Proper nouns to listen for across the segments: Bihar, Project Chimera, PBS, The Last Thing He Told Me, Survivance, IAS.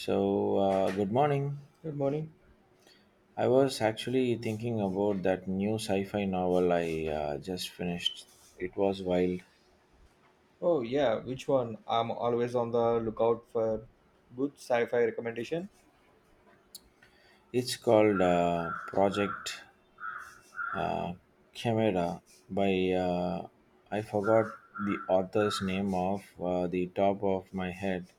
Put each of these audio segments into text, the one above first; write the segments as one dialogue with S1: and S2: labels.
S1: So good morning.
S2: Good morning.
S1: I was actually thinking about that new sci fi novel I just finished. It was wild.
S2: Oh yeah, which one? I'm always on the lookout for good sci-fi recommendation.
S1: It's called Project uh, Chimera by, I forgot the author's name of the top of my head,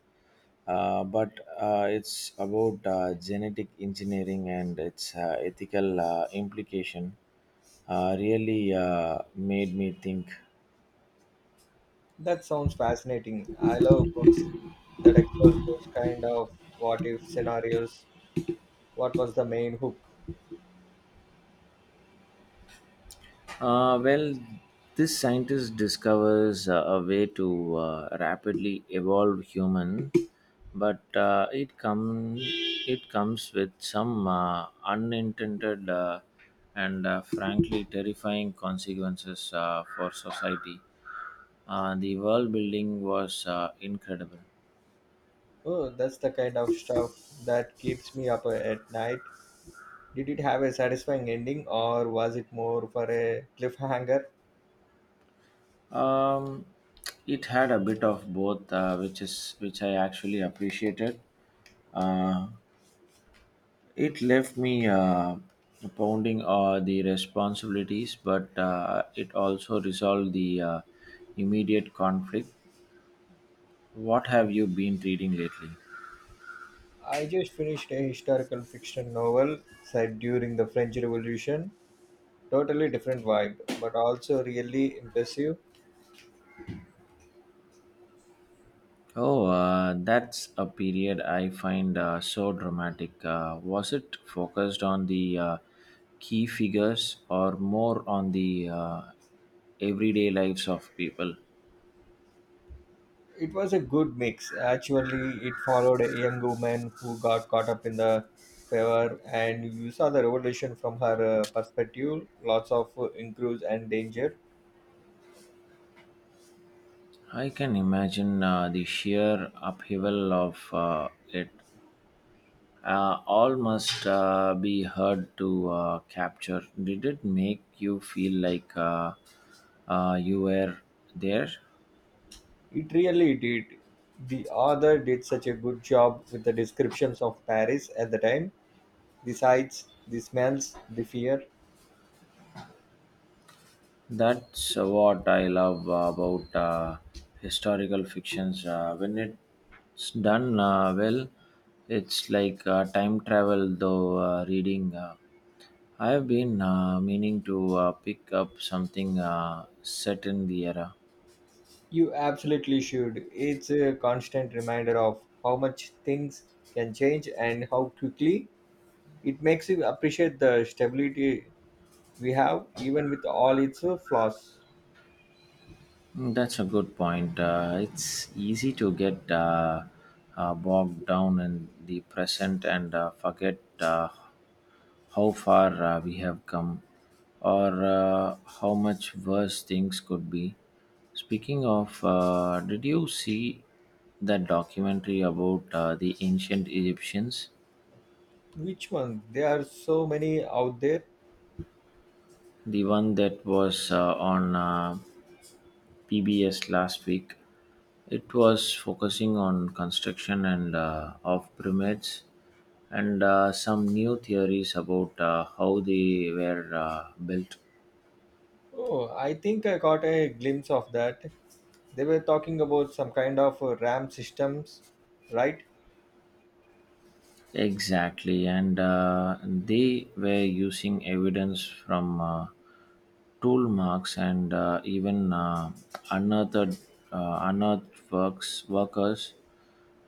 S1: but it's about genetic engineering and its ethical implication. Really made me think.
S2: That sounds fascinating. I love books that explore those kind of what if scenarios. What was the main hook?
S1: Well, this scientist discovers a way to rapidly evolve human, but it comes with some unintended and frankly terrifying consequences for society. The world building was incredible.
S2: Oh, that's the kind of stuff that keeps me up at night. Did it have a satisfying ending or was it more for a cliffhanger?
S1: Um, it had a bit of both, which I actually appreciated. Uh, It left me pounding the responsibilities, but it also resolved the immediate conflict. What have you been reading lately?
S2: I just finished a historical fiction novel set during the French Revolution, totally different vibe, but also really impressive.
S1: Oh, that's a period I find so dramatic. Was it focused on the key figures or more on the everyday lives of people?
S2: It was a good mix, actually. It followed a young woman who got caught up in the fever, and you saw the revolution from her perspective. Lots of increase and danger.
S1: I can imagine the sheer upheaval of it. All must be heard to capture. Did it make you feel like you were there?
S2: It really did. The author did such a good job with the descriptions of Paris at the time, the sights, the smells, the fear.
S1: That's what I love about historical fictions. When it's done well, it's like time travel, though, reading. I have been meaning to pick up something set in the era.
S2: You absolutely should. It's a constant reminder of how much things can change and how quickly. It makes you appreciate the stability we have, even with all its flaws.
S1: Mm, that's a good point. It's easy to get bogged down in the present and forget how far we have come or how much worse things could be. Speaking of, did you see that documentary about the ancient Egyptians?
S2: Which one? There are so many out there.
S1: The one that was on, PBS last week. It was focusing on construction and of pyramids and some new theories about how they were built.
S2: Oh, I think I got a glimpse of that. They were talking about some kind of RAM systems, right?
S1: Exactly, and they were using evidence from tool marks and even unearthed, unearthed workers,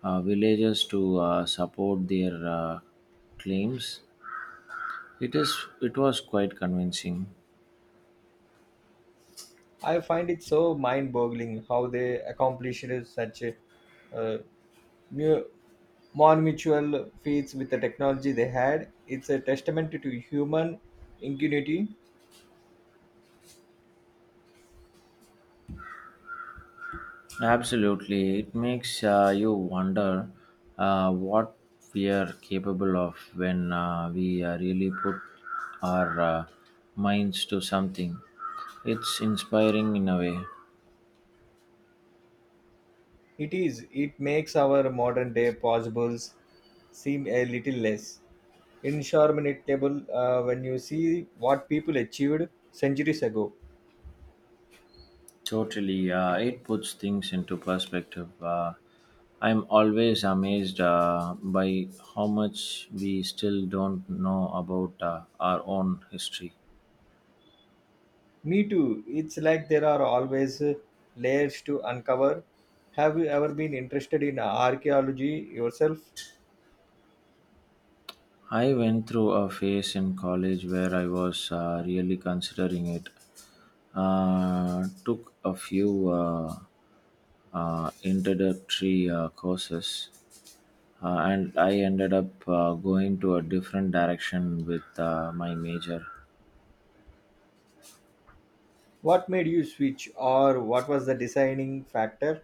S1: villagers to support their claims. It is. It was quite convincing.
S2: I find it so mind-boggling how they accomplished such a uh, mu- more mutual feats with the technology they had. It's a testament to human ingenuity.
S1: Absolutely, it makes you wonder what we are capable of when we really put our minds to something. It's inspiring in a way.
S2: It is. It makes our modern day possibles seem a little less insurmountable when you see what people achieved centuries ago.
S1: Totally, it puts things into perspective. I'm always amazed by how much we still don't know about our own history.
S2: Me too. It's like there are always layers to uncover. Have you ever been interested in archaeology yourself?
S1: I went through a phase in college where I was really considering it. Took a few introductory courses, and I ended up going to a different direction with my major.
S2: What made you switch, or what was the deciding factor?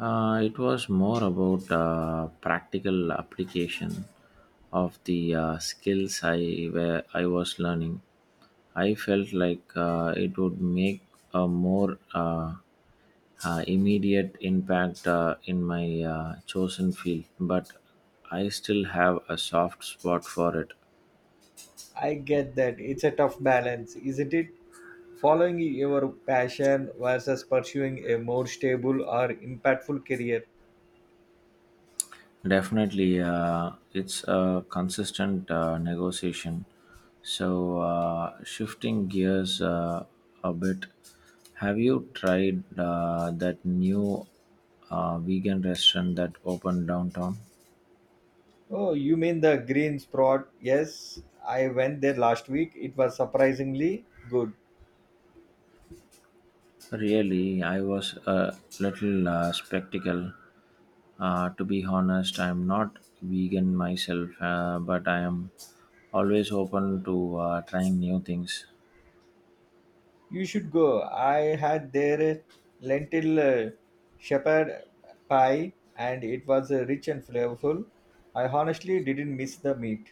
S1: It was more about practical application of the skills I was learning. I felt like it would make a more immediate impact in my chosen field, but I still have a soft spot for it.
S2: I get that. It's a tough balance, isn't it? Following your passion versus pursuing a more stable or impactful career.
S1: Definitely, it's a consistent negotiation. So, shifting gears a bit, have you tried that new vegan restaurant that opened downtown?
S2: Oh, you mean the Green Spot? Yes, I went there last week. It was surprisingly good.
S1: Really, I was a little skeptical. To be honest, I'm not vegan myself, but I am always open to trying new things.
S2: You should go. I had their lentil shepherd pie, and it was rich and flavorful. I honestly didn't miss the meat.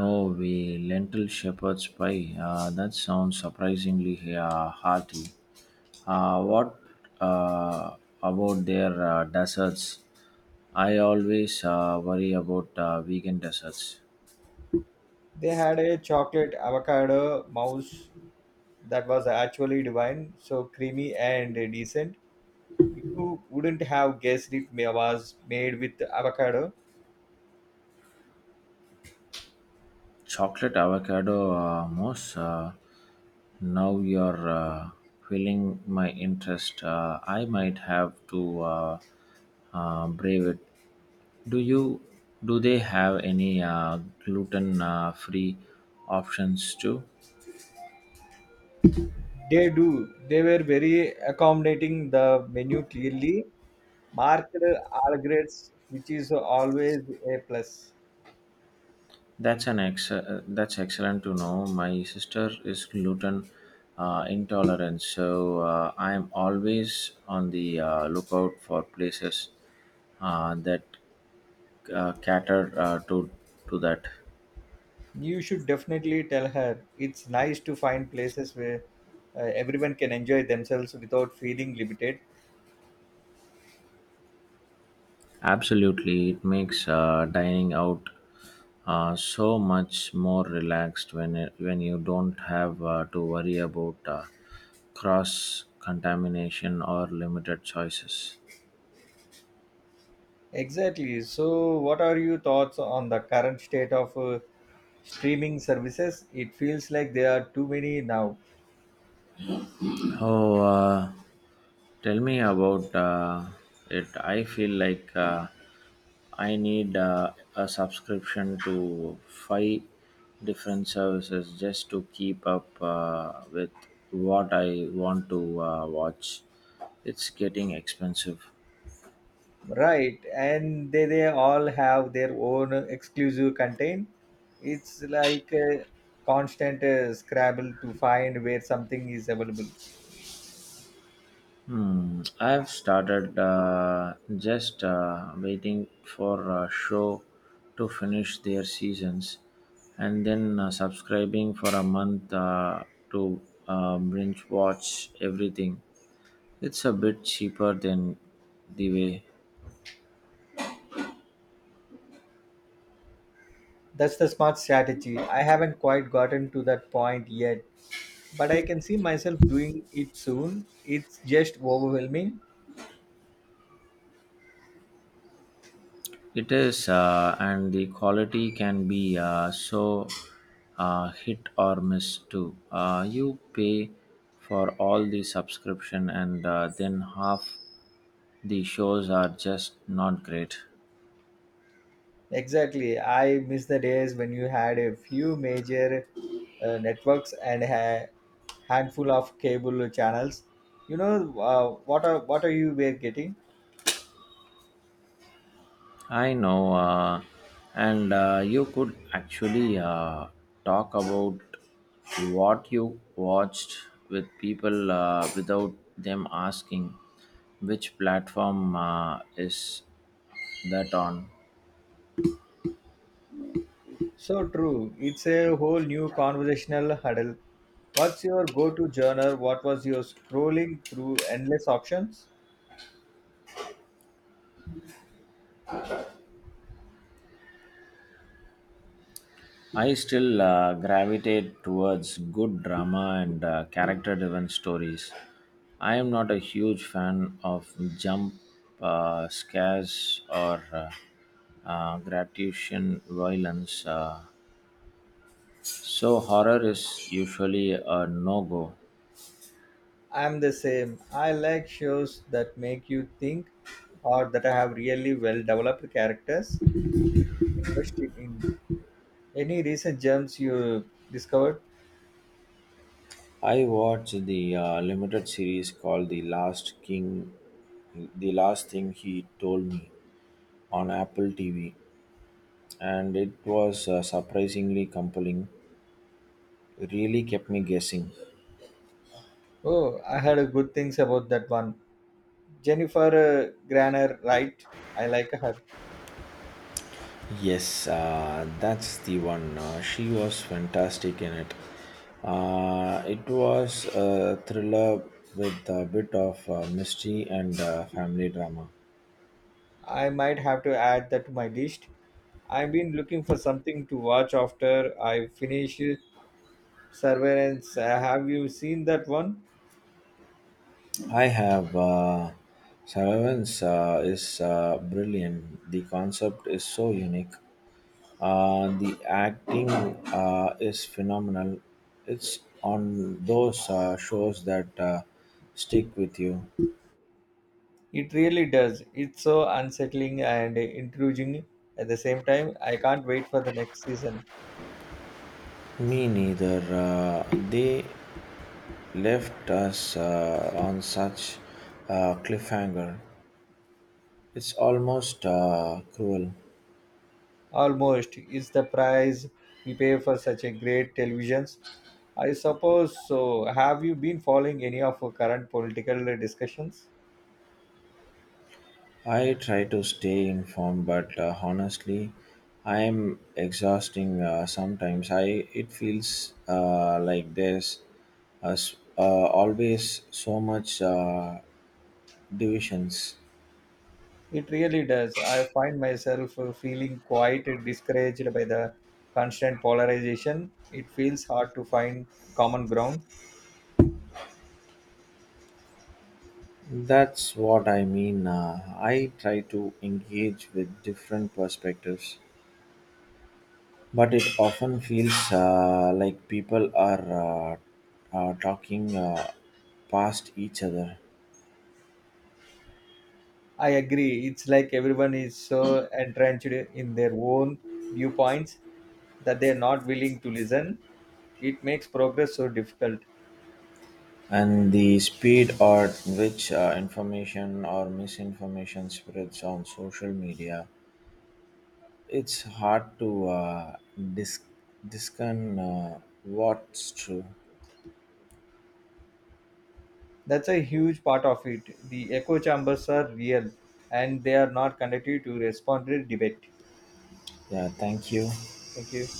S1: No way, lentil shepherd's pie. That sounds surprisingly hearty. What uh, about their desserts? I always worry about vegan desserts.
S2: They had a chocolate avocado mouse that was actually divine, so creamy and decent. You wouldn't have guessed was made with avocado.
S1: Chocolate avocado mousse. Now you're filling my interest. I might have to brave it. Do you do they have any gluten free options too?
S2: They do. They were very accommodating. The menu clearly marked regrets, which is always a plus.
S1: That's excellent to know. My sister is gluten intolerant, so I'm always on the lookout for places that cater to that.
S2: You should definitely tell her. It's nice to find places where everyone can enjoy themselves without feeling limited.
S1: Absolutely, it makes dining out so much more relaxed when you don't have to worry about cross contamination or limited choices.
S2: Exactly. So, what are your thoughts on the current state of streaming services? It feels like there are too many now.
S1: Oh, tell me about it. I feel like I need a subscription to five different services just to keep up with what I want to watch. It's getting expensive.
S2: Right, and they all have their own exclusive content. It's like a constant scrabble to find where something is available.
S1: Hmm, I've started just waiting for a show to finish their seasons and then subscribing for a month to binge watch everything. It's a bit cheaper than the way
S2: That's the smart strategy. I haven't quite gotten to that point yet, but I can see myself doing it soon. It's just overwhelming.
S1: it is, and the quality can be so hit or miss too. You pay for all the subscription and then half the shows are just not great.
S2: Exactly. I miss the days when you had a few major networks and a handful of cable channels. You know what are you were getting?
S1: I know, and you could actually talk about what you watched with people without them asking which platform is that on.
S2: So true. It's a whole new conversational huddle. What's your go-to genre? What was your scrolling through endless options?
S1: I still gravitate towards good drama and character driven stories. I am not a huge fan of jump scares or gratuitous violence, so horror is usually a no go.
S2: I'm the same. I like shows that make you think or that have really well developed characters. Invested in any recent gems you discovered?
S1: I watched the limited series called The Last Thing He Told Me on Apple TV, and it was surprisingly compelling. Really kept me guessing.
S2: Oh, I heard good things about that one. Jennifer Granner, right? I like her.
S1: Yes, that's the one. She was fantastic in it. It was a thriller with a bit of mystery and family drama.
S2: I might have to add that to my list. I've been looking for something to watch after I finish Surveillance. Have you seen that one?
S1: I have Survivance is brilliant. The concept is so unique. The acting is phenomenal. It's on those shows that stick with you.
S2: It really does. It's so unsettling and intriguing at the same time. I can't wait for the next season.
S1: Me neither. They left us on such a cliffhanger. It's almost cruel.
S2: Almost is the price we pay for such a great televisions. I suppose so. Have you been following any of our current political discussions?
S1: I try to stay informed, but honestly, I am exhausting sometimes. I it feels like there's as always so much divisions.
S2: It really does. I find myself feeling quite discouraged by the constant polarization. It feels hard to find common ground.
S1: That's what I mean, I try to engage with different perspectives but it often feels like people are talking past each other.
S2: I agree. It's like everyone is so entrenched in their own viewpoints that they're not willing to listen. It makes progress so difficult.
S1: And the speed at which information or misinformation spreads on social media, it's hard to dis- discern what's true.
S2: That's a huge part of it. The echo chambers are real and they are not conducive to responsible debate.
S1: Yeah, thank you.
S2: Thank you.